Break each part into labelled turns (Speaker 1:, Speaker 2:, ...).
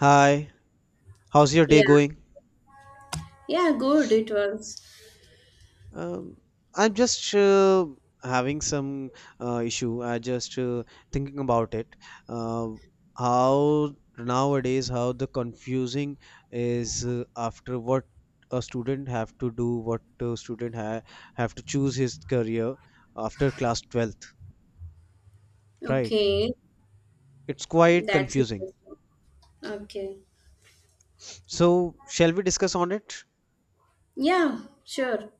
Speaker 1: Hi, how's your day
Speaker 2: Yeah,
Speaker 1: going?
Speaker 2: yeah, good. It was
Speaker 1: Um, I'm just having some issue. I just thinking about it. Uh, how nowadays how the confusing is after what a student have to do, what a student ha have to choose his career after class 12th, right?
Speaker 2: okay.
Speaker 1: It's quite
Speaker 2: That's
Speaker 1: confusing.
Speaker 2: interesting. Okay.
Speaker 1: So, shall we discuss on it?
Speaker 2: Yeah, sure.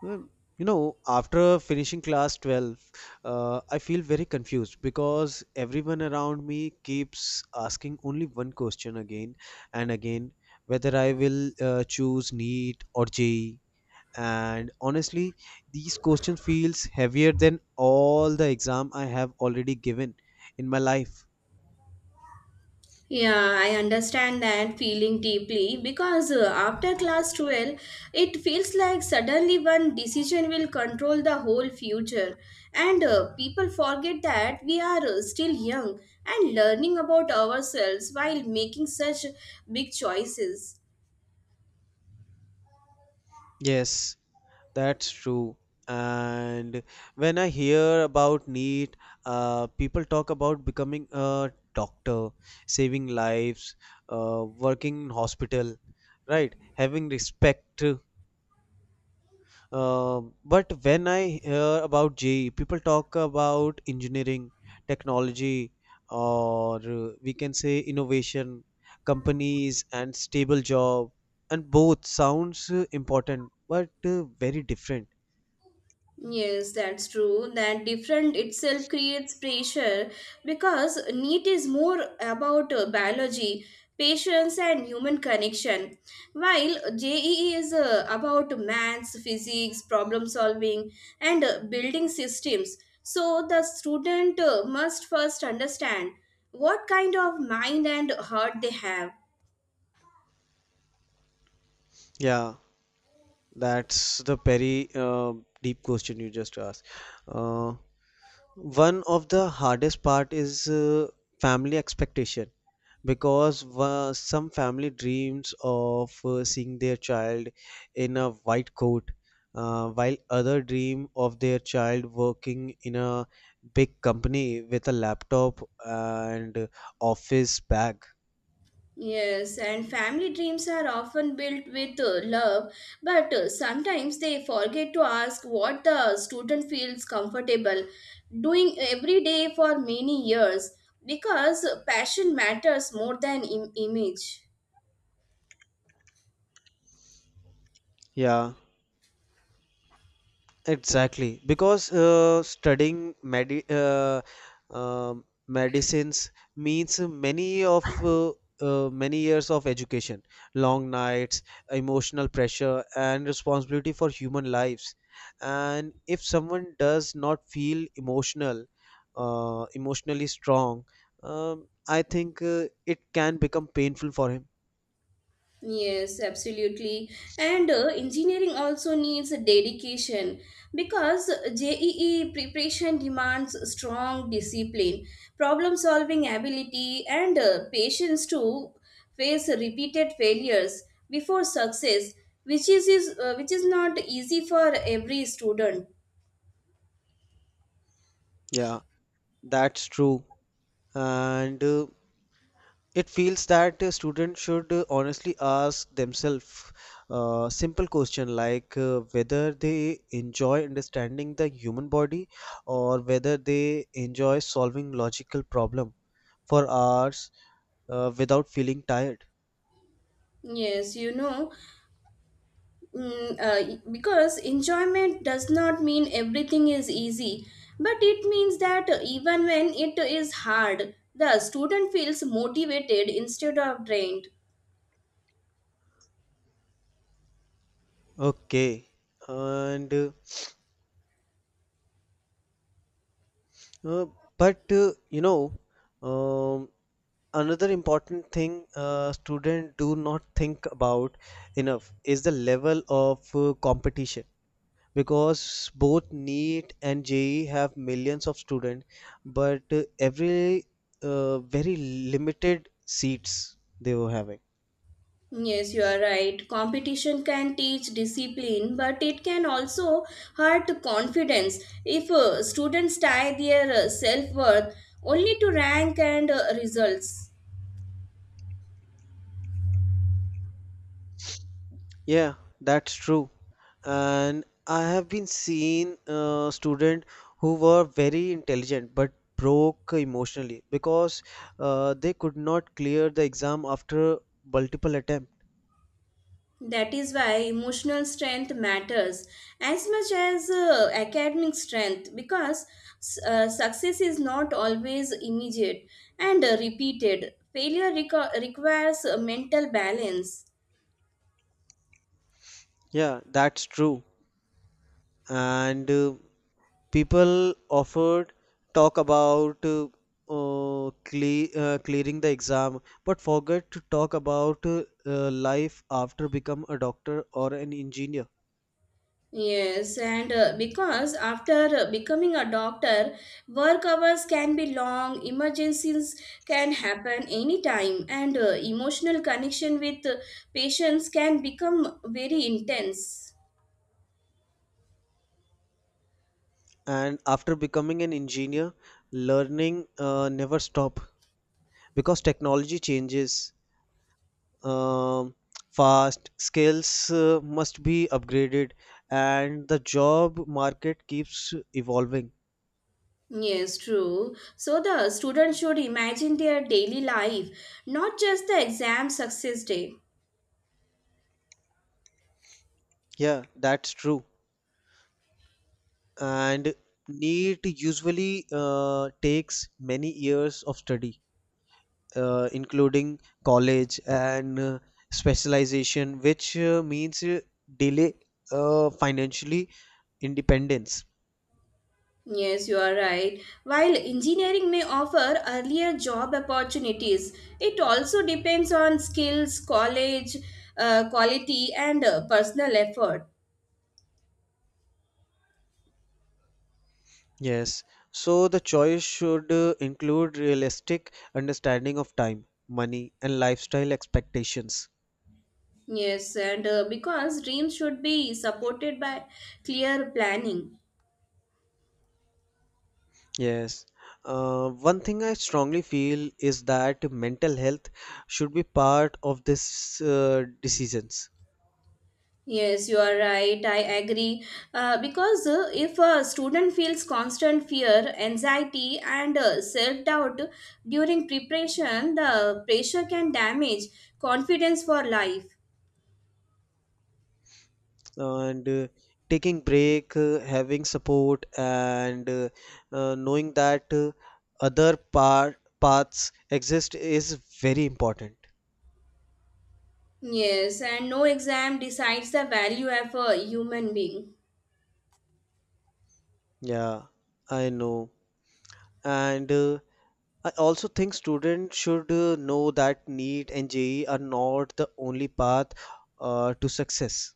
Speaker 1: Well, after finishing class 12, I feel very confused because everyone around me keeps asking only one question again and again whether I will choose NEET or JEE. And honestly, these questions feels heavier than all the exam I have already given in my life.
Speaker 2: Yeah, I understand that feeling deeply because after class 12, it feels like suddenly one decision will control the whole future. And people forget that we are still young and learning about ourselves while making such big choices.
Speaker 1: Yes, that's true. And when I hear about NEET, people talk about becoming a doctor, saving lives, working in hospital, right? Having respect. But when I hear about JEE, people talk about engineering, technology, or we can say innovation, companies, and stable job. And both sounds important, but very different.
Speaker 2: Yes, that's true. That different itself creates pressure because NEET is more about biology, patience, and human connection, while JEE is about maths, physics, problem solving, and building systems. So the student must first understand what kind of mind and heart they have.
Speaker 1: Yeah. That's the very deep question you just asked. Uh, one of the hardest part is family expectation because some family dreams of seeing their child in a white coat, while other dream of their child working in a big company with a laptop and office bag.
Speaker 2: Yes, and family dreams are often built with love, but sometimes they forget to ask what the student feels comfortable doing every day for many years because passion matters more than image.
Speaker 1: Yeah, exactly, because studying medicines means many of uh, many years of education, long nights, emotional pressure, and responsibility for human lives. And if someone does not feel emotional, emotionally strong, I think it can become painful for him.
Speaker 2: Yes, absolutely. And engineering also needs a dedication because JEE preparation demands strong discipline, problem solving ability, and patience to face repeated failures before success, which is not easy for every student.
Speaker 1: Yeah, that's true. And it feels that students should honestly ask themselves simple question like whether they enjoy understanding the human body or whether they enjoy solving logical problem for hours without feeling tired.
Speaker 2: Yes, because enjoyment does not mean everything is easy, but it means that even when it is hard, the student feels motivated instead of drained.
Speaker 1: Okay, and uh, but um, another important thing students do not think about enough is the level of competition because both NEET and JEE have millions of students, but every very limited seats they were having.
Speaker 2: Yes, you are right. Competition can teach discipline, but it can also hurt confidence if students tie their self worth only to rank and results.
Speaker 1: Yeah, that's true. And I have been seeing students who were very intelligent but broke emotionally because they could not clear the exam after multiple attempt.
Speaker 2: That is why emotional strength matters as much as academic strength because success is not always immediate and repeated. Failure requires mental balance.
Speaker 1: Yeah, that's true. And people offered talk about clearing the exam but forget to talk about life after become a doctor or an engineer,
Speaker 2: Yes, and because after becoming a doctor, work hours can be long, emergencies can happen anytime, and emotional connection with patients can become very intense.
Speaker 1: and after becoming an engineer learning never stop because technology changes. um, fast skills must be upgraded and the job market keeps evolving.
Speaker 2: Yes, true. So the students should imagine their daily life, not just the exam success day.
Speaker 1: Yeah, that's true. And NEET usually takes many years of study, including college and specialization, which means delay financially independence.
Speaker 2: Yes, you are right. While engineering may offer earlier job opportunities, it also depends on skills, college, quality, and personal effort.
Speaker 1: Yes, so the choice should include realistic understanding of time, money, and lifestyle expectations.
Speaker 2: Yes, and because dreams should be supported by clear planning.
Speaker 1: Yes. One thing I strongly feel is that mental health should be part of this decisions,
Speaker 2: Yes, you are right. I agree. Because if a student feels constant fear, anxiety, and self doubt during preparation, the pressure can damage confidence for life.
Speaker 1: and taking break, having support, and knowing that other par paths exist is very important.
Speaker 2: Yes, and no exam decides the value of a human being.
Speaker 1: Yeah, I know. And I also think students should know that NEET and JEE are not the only path to success.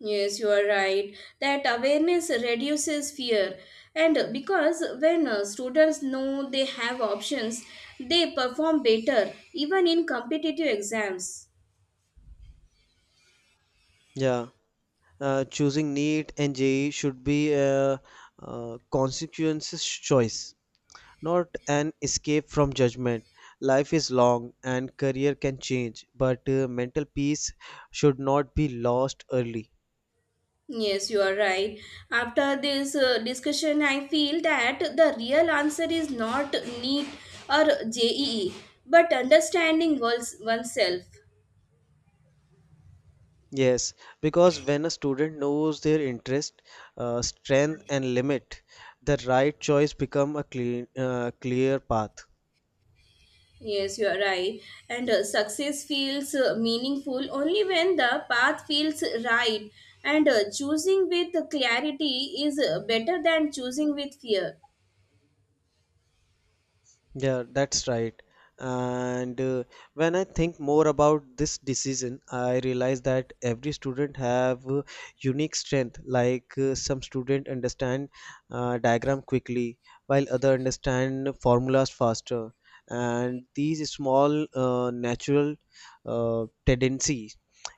Speaker 2: Yes, you are right. That awareness reduces fear. And because when students know they have options, they perform better even in competitive exams.
Speaker 1: Yeah. Choosing NEET and JEE should be a, consequences choice, not an escape from judgment. Life is long and career can change, but mental peace should not be lost early.
Speaker 2: Yes, you are right. After this discussion, I feel that the real answer is not NEET or JEE, but understanding oneself.
Speaker 1: Yes, because when a student knows their interest, strength, and limit, the right choice become a clear path.
Speaker 2: Yes, you are right. And success feels meaningful only when the path feels right. And choosing with clarity is better than choosing with fear.
Speaker 1: Yeah, that's right. And when I think more about this decision, I realize that every student have unique strength. Like some student understand diagram quickly, while other understand formulas faster. And these small natural tendencies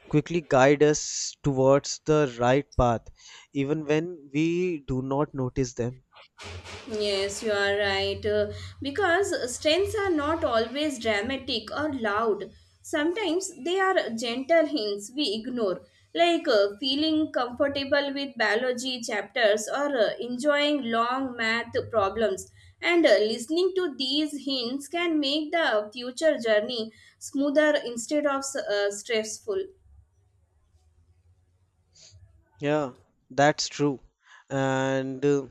Speaker 1: quickly guide us towards the right path, even when we do not notice them.
Speaker 2: Yes, you are right. Because strengths are not always dramatic or loud. Sometimes they are gentle hints we ignore, like feeling comfortable with biology chapters or enjoying long math problems. And listening to these hints can make the future journey smoother instead of stressful.
Speaker 1: Yeah, that's true. And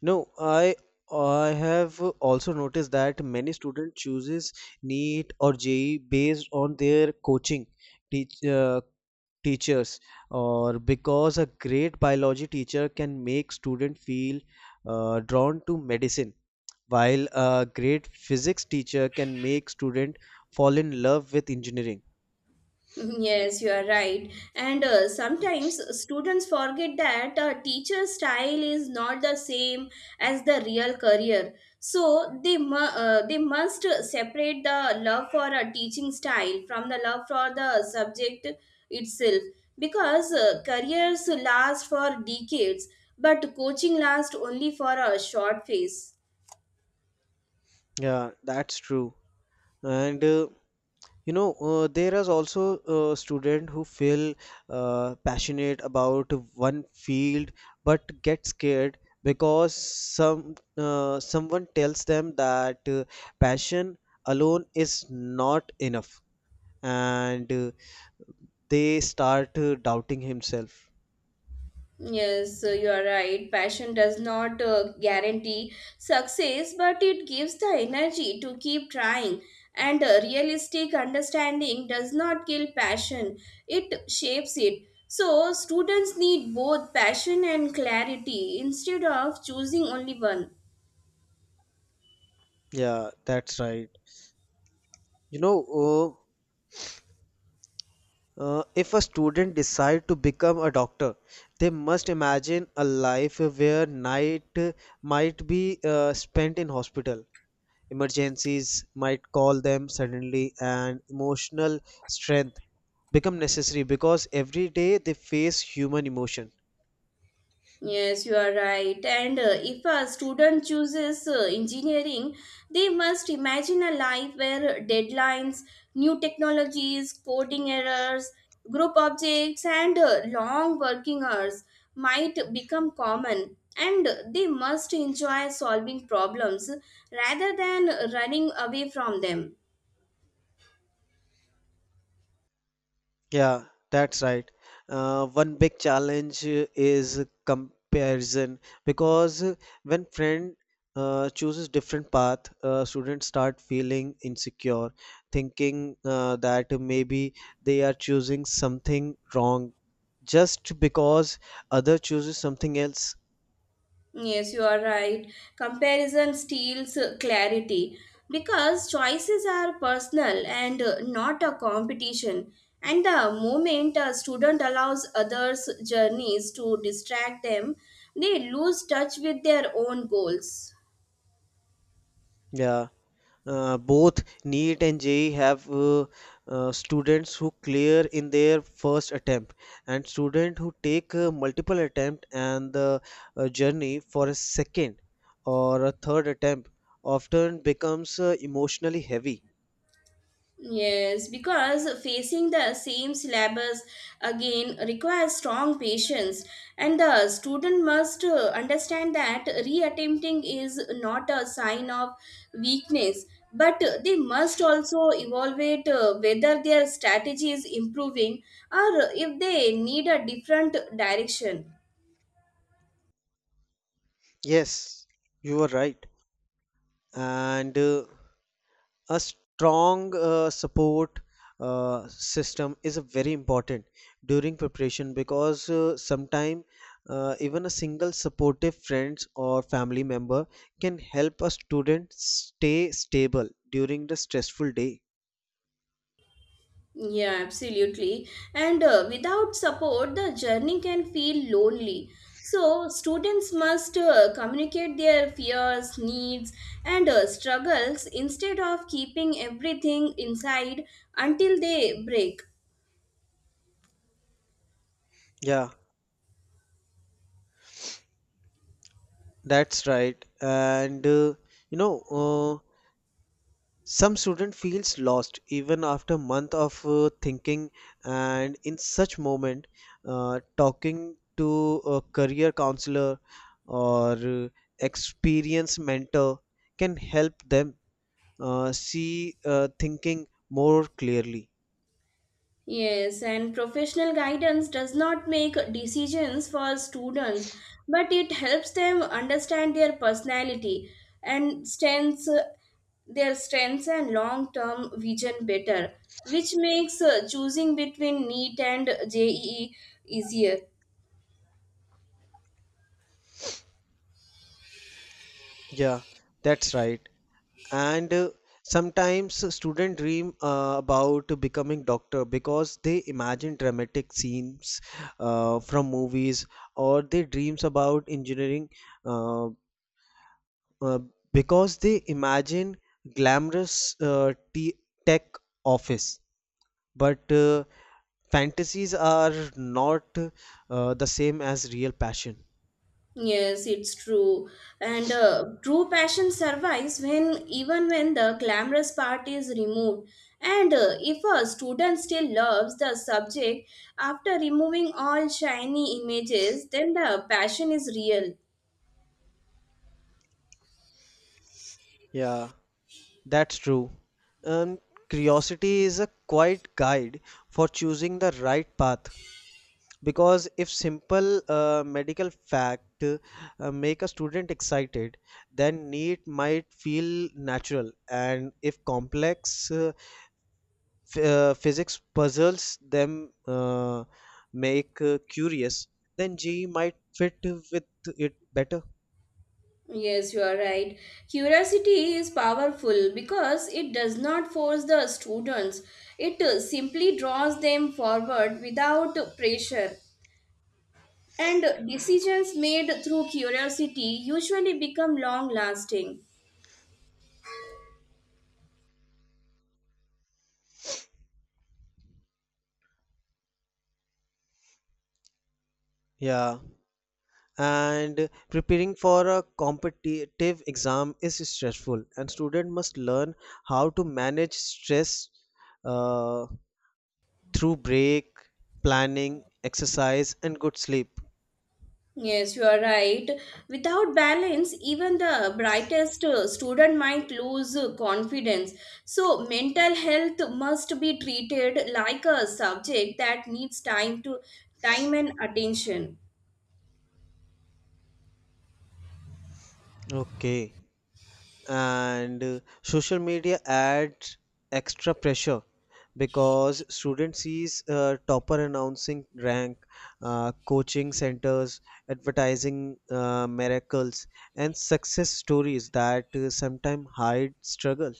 Speaker 1: no, I have also noticed that many student chooses NEET or JEE based on their coaching teach, uh, teachers, or because a great biology teacher can make student feel drawn to medicine while a great physics teacher can make student fall in love with engineering.
Speaker 2: Yes, you are right. And sometimes students forget that a teacher's style is not the same as the real career. So they must separate the love for a teaching style from the love for the subject itself because careers last for decades, but coaching lasts only for a short phase.
Speaker 1: Yeah, that's true. And there is also a student who feel passionate about one field but get scared because someone tells them that passion alone is not enough and they start doubting himself.
Speaker 2: Yes, you are right. Passion does not guarantee success, but it gives the energy to keep trying. And a realistic understanding does not kill passion, it shapes it. So, students need both passion and clarity instead of choosing only one.
Speaker 1: Yeah, that's right. You know, uh, if a student decide to become a doctor, they must imagine a life where night might be spent in hospital. Emergencies might call them suddenly, and emotional strength become necessary because every day they face human emotion.
Speaker 2: Yes, you are right. And if a student chooses engineering, they must imagine a life where deadlines, new technologies, coding errors, group objects, and long working hours might become common. And they must enjoy solving problems rather than running away from them.
Speaker 1: Yeah, that's right. One big challenge is comparison because when friend chooses different path, students start feeling insecure, thinking that maybe they are choosing something wrong just because other chooses something else.
Speaker 2: Yes, you are right. Comparison steals clarity because choices are personal and not a competition. And the moment a student allows others' journeys to distract them, they lose touch with their own goals.
Speaker 1: Yeah. Both NEET and JEE have students who clear in their first attempt and students who take multiple attempt, and the journey for a second or a third attempt often becomes emotionally heavy.
Speaker 2: Yes, because facing the same syllabus again requires strong patience, and the student must understand that reattempting is not a sign of weakness, but they must also evaluate whether their strategy is improving or if they need a different direction.
Speaker 1: Yes, you are right. And a strong support system is very important during preparation because sometimes even a single supportive friends or family member can help a student stay stable during the stressful day.
Speaker 2: Yeah, absolutely. And without support, the journey can feel lonely. So, students must communicate their fears, needs, and struggles instead of keeping everything inside until they break.
Speaker 1: Yeah, that's right. And uh, you know uh, some student feels lost even after month of thinking, and in such moment, talking to a career counselor or experienced mentor can help them see thinking more clearly.
Speaker 2: Yes, and professional guidance does not make decisions for students, but it helps them understand their personality and strengths and long-term vision better, which makes choosing between NEET and JEE easier.
Speaker 1: Yeah, that's right. And sometimes students dream about becoming doctor because they imagine dramatic scenes from movies, or they dreams about engineering uh, uh, because they imagine glamorous tech office, but fantasies are not the same as real passion.
Speaker 2: Yes, it's true. And true passion survives when even when the glamorous part is removed. And if a student still loves the subject after removing all shiny images, then the passion is real.
Speaker 1: Yeah, that's true. um, Curiosity is a quiet guide for choosing the right path because if simple medical fact make a student excited, then need might feel natural, and if complex physics puzzles them, make curious, then ge might fit with it better.
Speaker 2: Yes, you are right. Curiosity is powerful because it does not force the students, it simply draws them forward without pressure. And decisions made through curiosity usually become long lasting.
Speaker 1: Yeah. And preparing for a competitive exam is stressful, and student must learn how to manage stress uh, through break, planning, exercise, and good sleep.
Speaker 2: Yes, you are right. Without balance, even the brightest student might lose confidence. So, mental health must be treated like a subject that needs time to time and attention.
Speaker 1: Okay. And social media adds extra pressure because student sees topper announcing rank, coaching centers, advertising miracles, and success stories that sometimes hide struggle.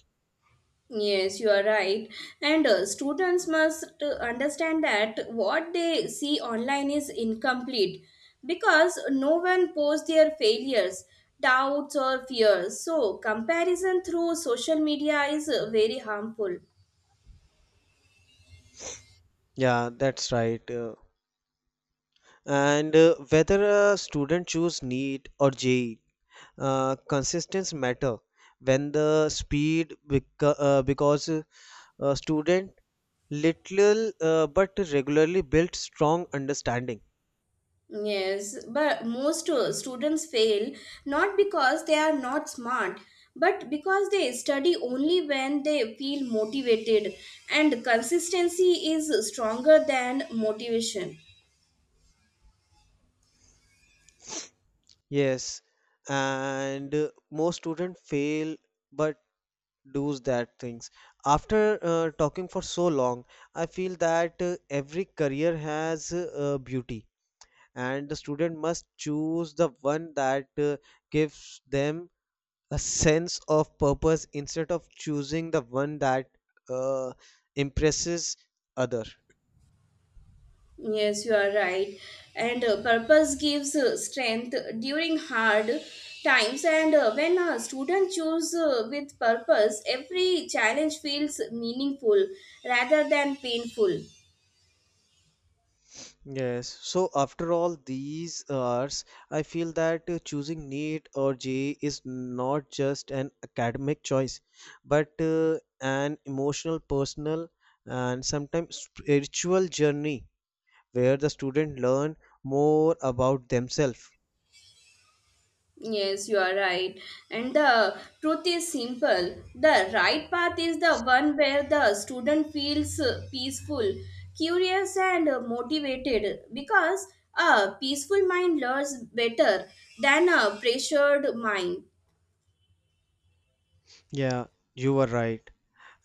Speaker 2: Yes, you are right. And students must understand that what they see online is incomplete because no one posts their failures, doubts, or fears. So, comparison through social media is very harmful.
Speaker 1: Yeah, that's right. And whether a student choose NEET or JEE, consistence matter when the speed because student little but regularly built strong understanding.
Speaker 2: Yes, but most students fail not because they are not smart, but because they study only when they feel motivated, and consistency is stronger than motivation.
Speaker 1: Yes, and most student fail, but does that things. After talking for so long, I feel that every career has beauty and the student must choose the one that gives them a sense of purpose instead of choosing the one that uh, impresses other.
Speaker 2: Yes, you are right. And purpose gives strength during hard times. And when a student choose with purpose, every challenge feels meaningful rather than painful.
Speaker 1: Yes, so after all these hours I feel that choosing NEET or JEE is not just an academic choice but an emotional personal and sometimes spiritual journey where the student learn more about themselves.
Speaker 2: Yes, you are right. And the truth is simple. The right path is the one where the student feels peaceful, curious, and motivated because a peaceful mind learns better than a pressured mind.
Speaker 1: Yeah, you were right.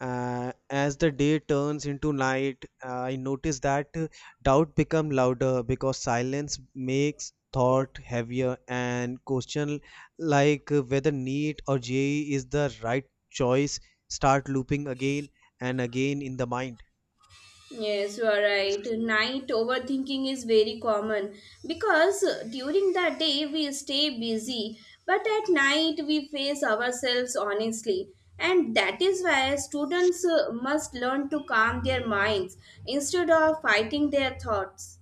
Speaker 1: As the day turns into night, I notice that doubt become louder because silence makes thought heavier and question like whether NEET or JE is the right choice start looping again and again in the mind.
Speaker 2: Yes, you are right. Night overthinking is very common because during the day we stay busy, but at night we face ourselves honestly. And that is why students must learn to calm their minds instead of fighting their thoughts.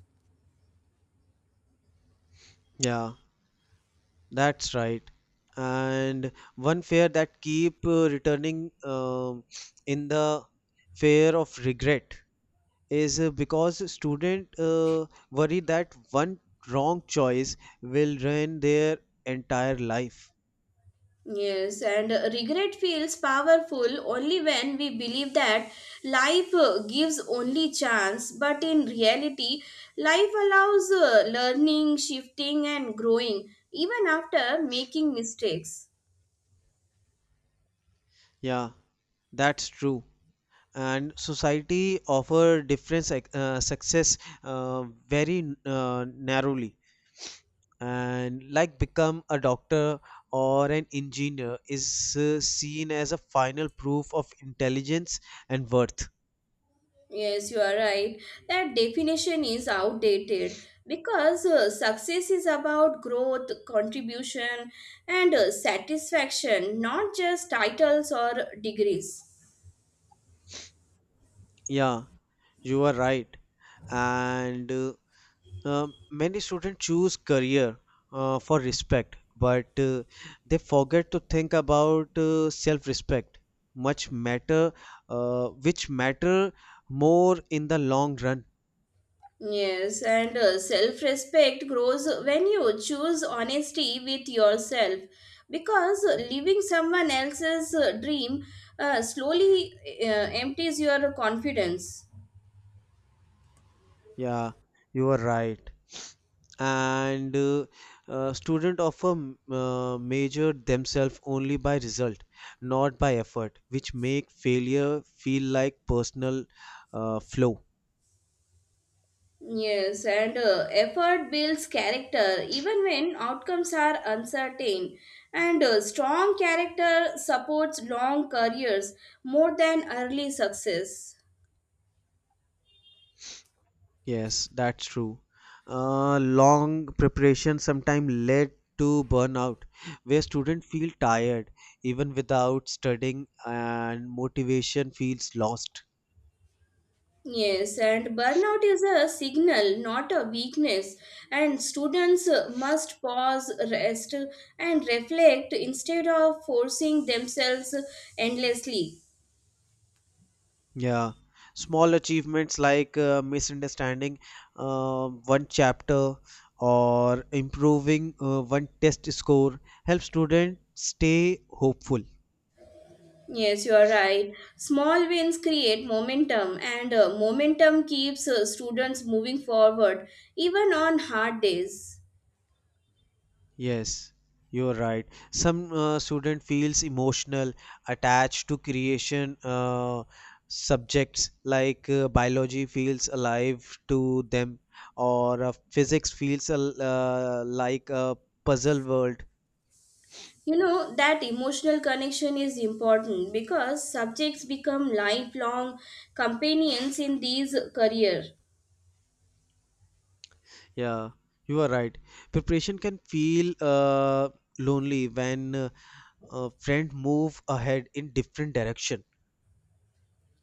Speaker 1: Yeah, that's right. And one fear that keep returning in the fear of regret is because student worry that one wrong choice will ruin their entire life.
Speaker 2: Yes, and regret feels powerful only when we believe that life gives only chance, but in reality, life allows learning, shifting, and growing even after making mistakes.
Speaker 1: Yeah, that's true. And society offer different success very narrowly, and like become a doctor or an engineer is seen as a final proof of intelligence and worth.
Speaker 2: Yes, you are right. That definition is outdated because success is about growth, contribution, and satisfaction, not just titles or degrees.
Speaker 1: Yeah, you are right. and many students choose career for respect, but they forget to think about self-respect. Much matter, which matter more in the long run.
Speaker 2: Yes, and self respect grows when you choose honesty with yourself because living someone else's dream slowly uh, empties your confidence.
Speaker 1: Yeah, you are right. And student often measure themselves only by result, not by effort, which make failure feel like personal flaw.
Speaker 2: Yes, and effort builds character even when outcomes are uncertain. And strong character supports long careers more than early success.
Speaker 1: Yes, that's true. Long preparation sometimes led to burnout, where students feel tired even without studying, and motivation feels lost.
Speaker 2: Yes, and burnout is a signal, not a weakness. And students must pause, rest, and reflect instead of forcing themselves endlessly.
Speaker 1: Yeah, small achievements like misunderstanding one chapter or improving one test score help students stay hopeful.
Speaker 2: Yes, you are right. Small wins create momentum, and momentum keeps students moving forward, even on hard days.
Speaker 1: Yes, you're right. Some student feels emotional attached to creation subjects, like biology feels alive to them, or physics feels like a puzzle world.
Speaker 2: That emotional connection is important because subjects become lifelong companions in these career.
Speaker 1: Yeah, you are right. Preparation can feel lonely when a friend move ahead in different direction.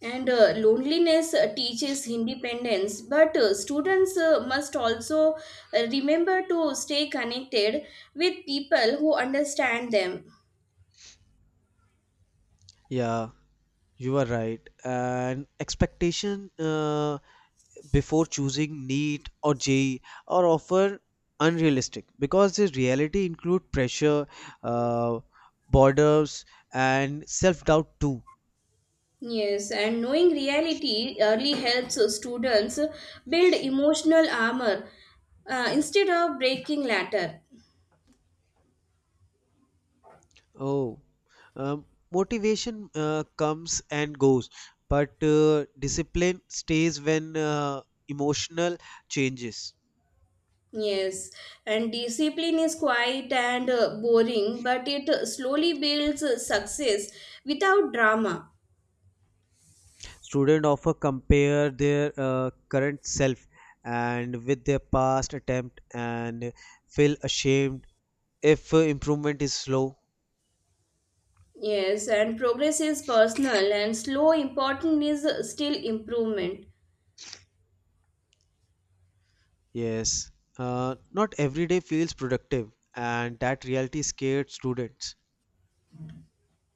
Speaker 2: And loneliness teaches independence, but students must also remember to stay connected with people who understand them.
Speaker 1: Yeah, you are right. And expectation before choosing NEET or JEE are often unrealistic because the reality include pressure, uh, borders, and self-doubt too.
Speaker 2: Yes, and knowing reality early helps students build emotional armor instead of breaking later.
Speaker 1: Oh, um, motivation comes and goes, but discipline stays when emotional changes.
Speaker 2: Yes, and discipline is quiet and boring, but it slowly builds success without drama.
Speaker 1: Students often compare their current self and with their past attempt and feel ashamed if improvement is slow.
Speaker 2: Yes, and progress is personal, and slow important is still improvement.
Speaker 1: Yes, not every day feels productive, and that reality scared students.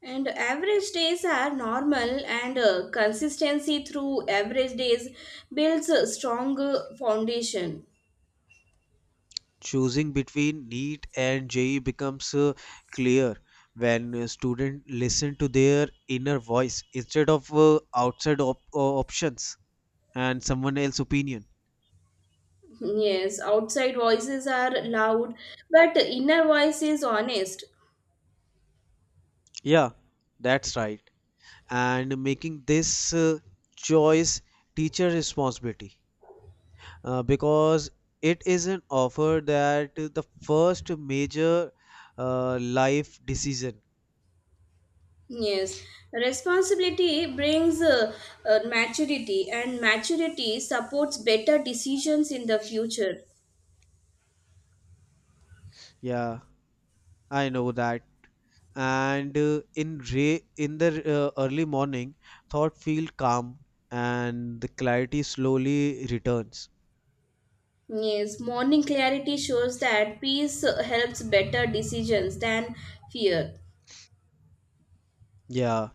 Speaker 2: And average days are normal, and consistency through average days builds a strong foundation.
Speaker 1: Choosing between NEET and JE becomes clear when students listen to their inner voice instead of outside options and someone else's opinion.
Speaker 2: Yes, outside voices are loud, but inner voice is honest.
Speaker 1: Yeah, that's right. And making this choice teacher responsibility, because it is an offer that the first major life decision.
Speaker 2: Yes, responsibility brings maturity, and maturity supports better decisions in the future.
Speaker 1: Yeah, I know that. And in the early morning, thought feel calm and the clarity slowly returns.
Speaker 2: Yes, morning clarity shows that peace helps better decisions than fear.
Speaker 1: Yeah,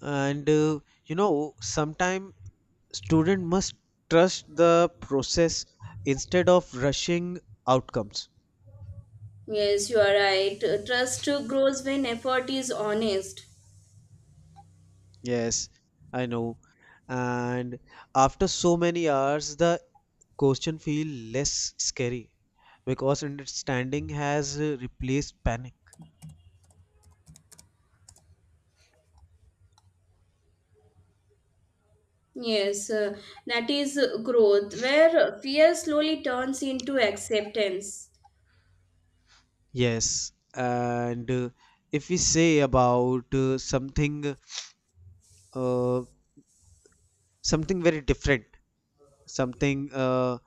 Speaker 1: and uh, sometime student must trust the process instead of rushing outcomes.
Speaker 2: Yes, you are right. Trust grows when effort is honest.
Speaker 1: Yes, I know. And after so many hours, the question feel less scary because understanding has replaced panic.
Speaker 2: Yes, that is growth, where fear slowly turns into acceptance.
Speaker 1: Yes, and if we say about something, uh, something very different, something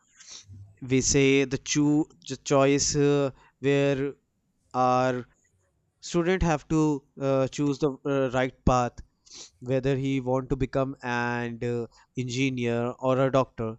Speaker 1: we say the choice where our student have to choose the right path, whether he want to become an engineer or a doctor,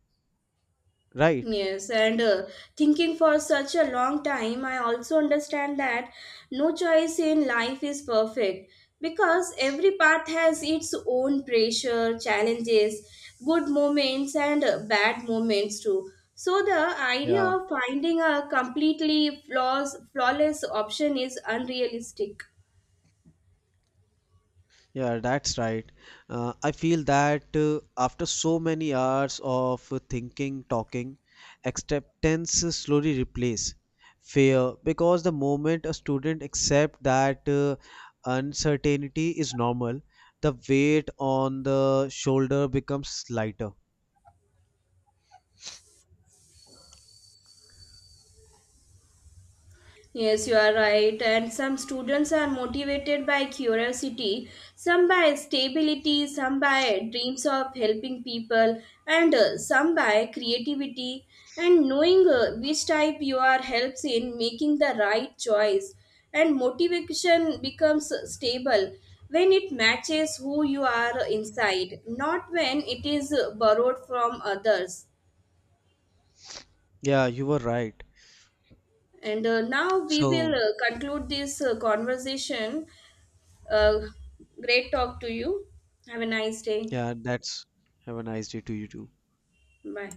Speaker 1: right?
Speaker 2: Yes, and thinking for such a long time, I also understand that no choice in life is perfect because every path has its own pressure, challenges, good moments, and bad moments too. So, the idea
Speaker 1: Yeah,
Speaker 2: of finding a completely flawless option is unrealistic.
Speaker 1: yeah, that's right. I feel that after so many hours of thinking talking, acceptance slowly replace fear because the moment a student accept that uncertainty is normal, the weight on the shoulder becomes lighter.
Speaker 2: Yes, you are right. And some students are motivated by curiosity, some by stability, some by dreams of helping people, and some by creativity. And knowing which type you are helps in making the right choice. And motivation becomes stable when it matches who you are inside, not when it is borrowed from others.
Speaker 1: Yeah, you were right.
Speaker 2: And now we will
Speaker 1: So,
Speaker 2: conclude this conversation. Uh, great talk to you. Have a nice day.
Speaker 1: yeah, that's, have a nice day to you too.
Speaker 2: Bye.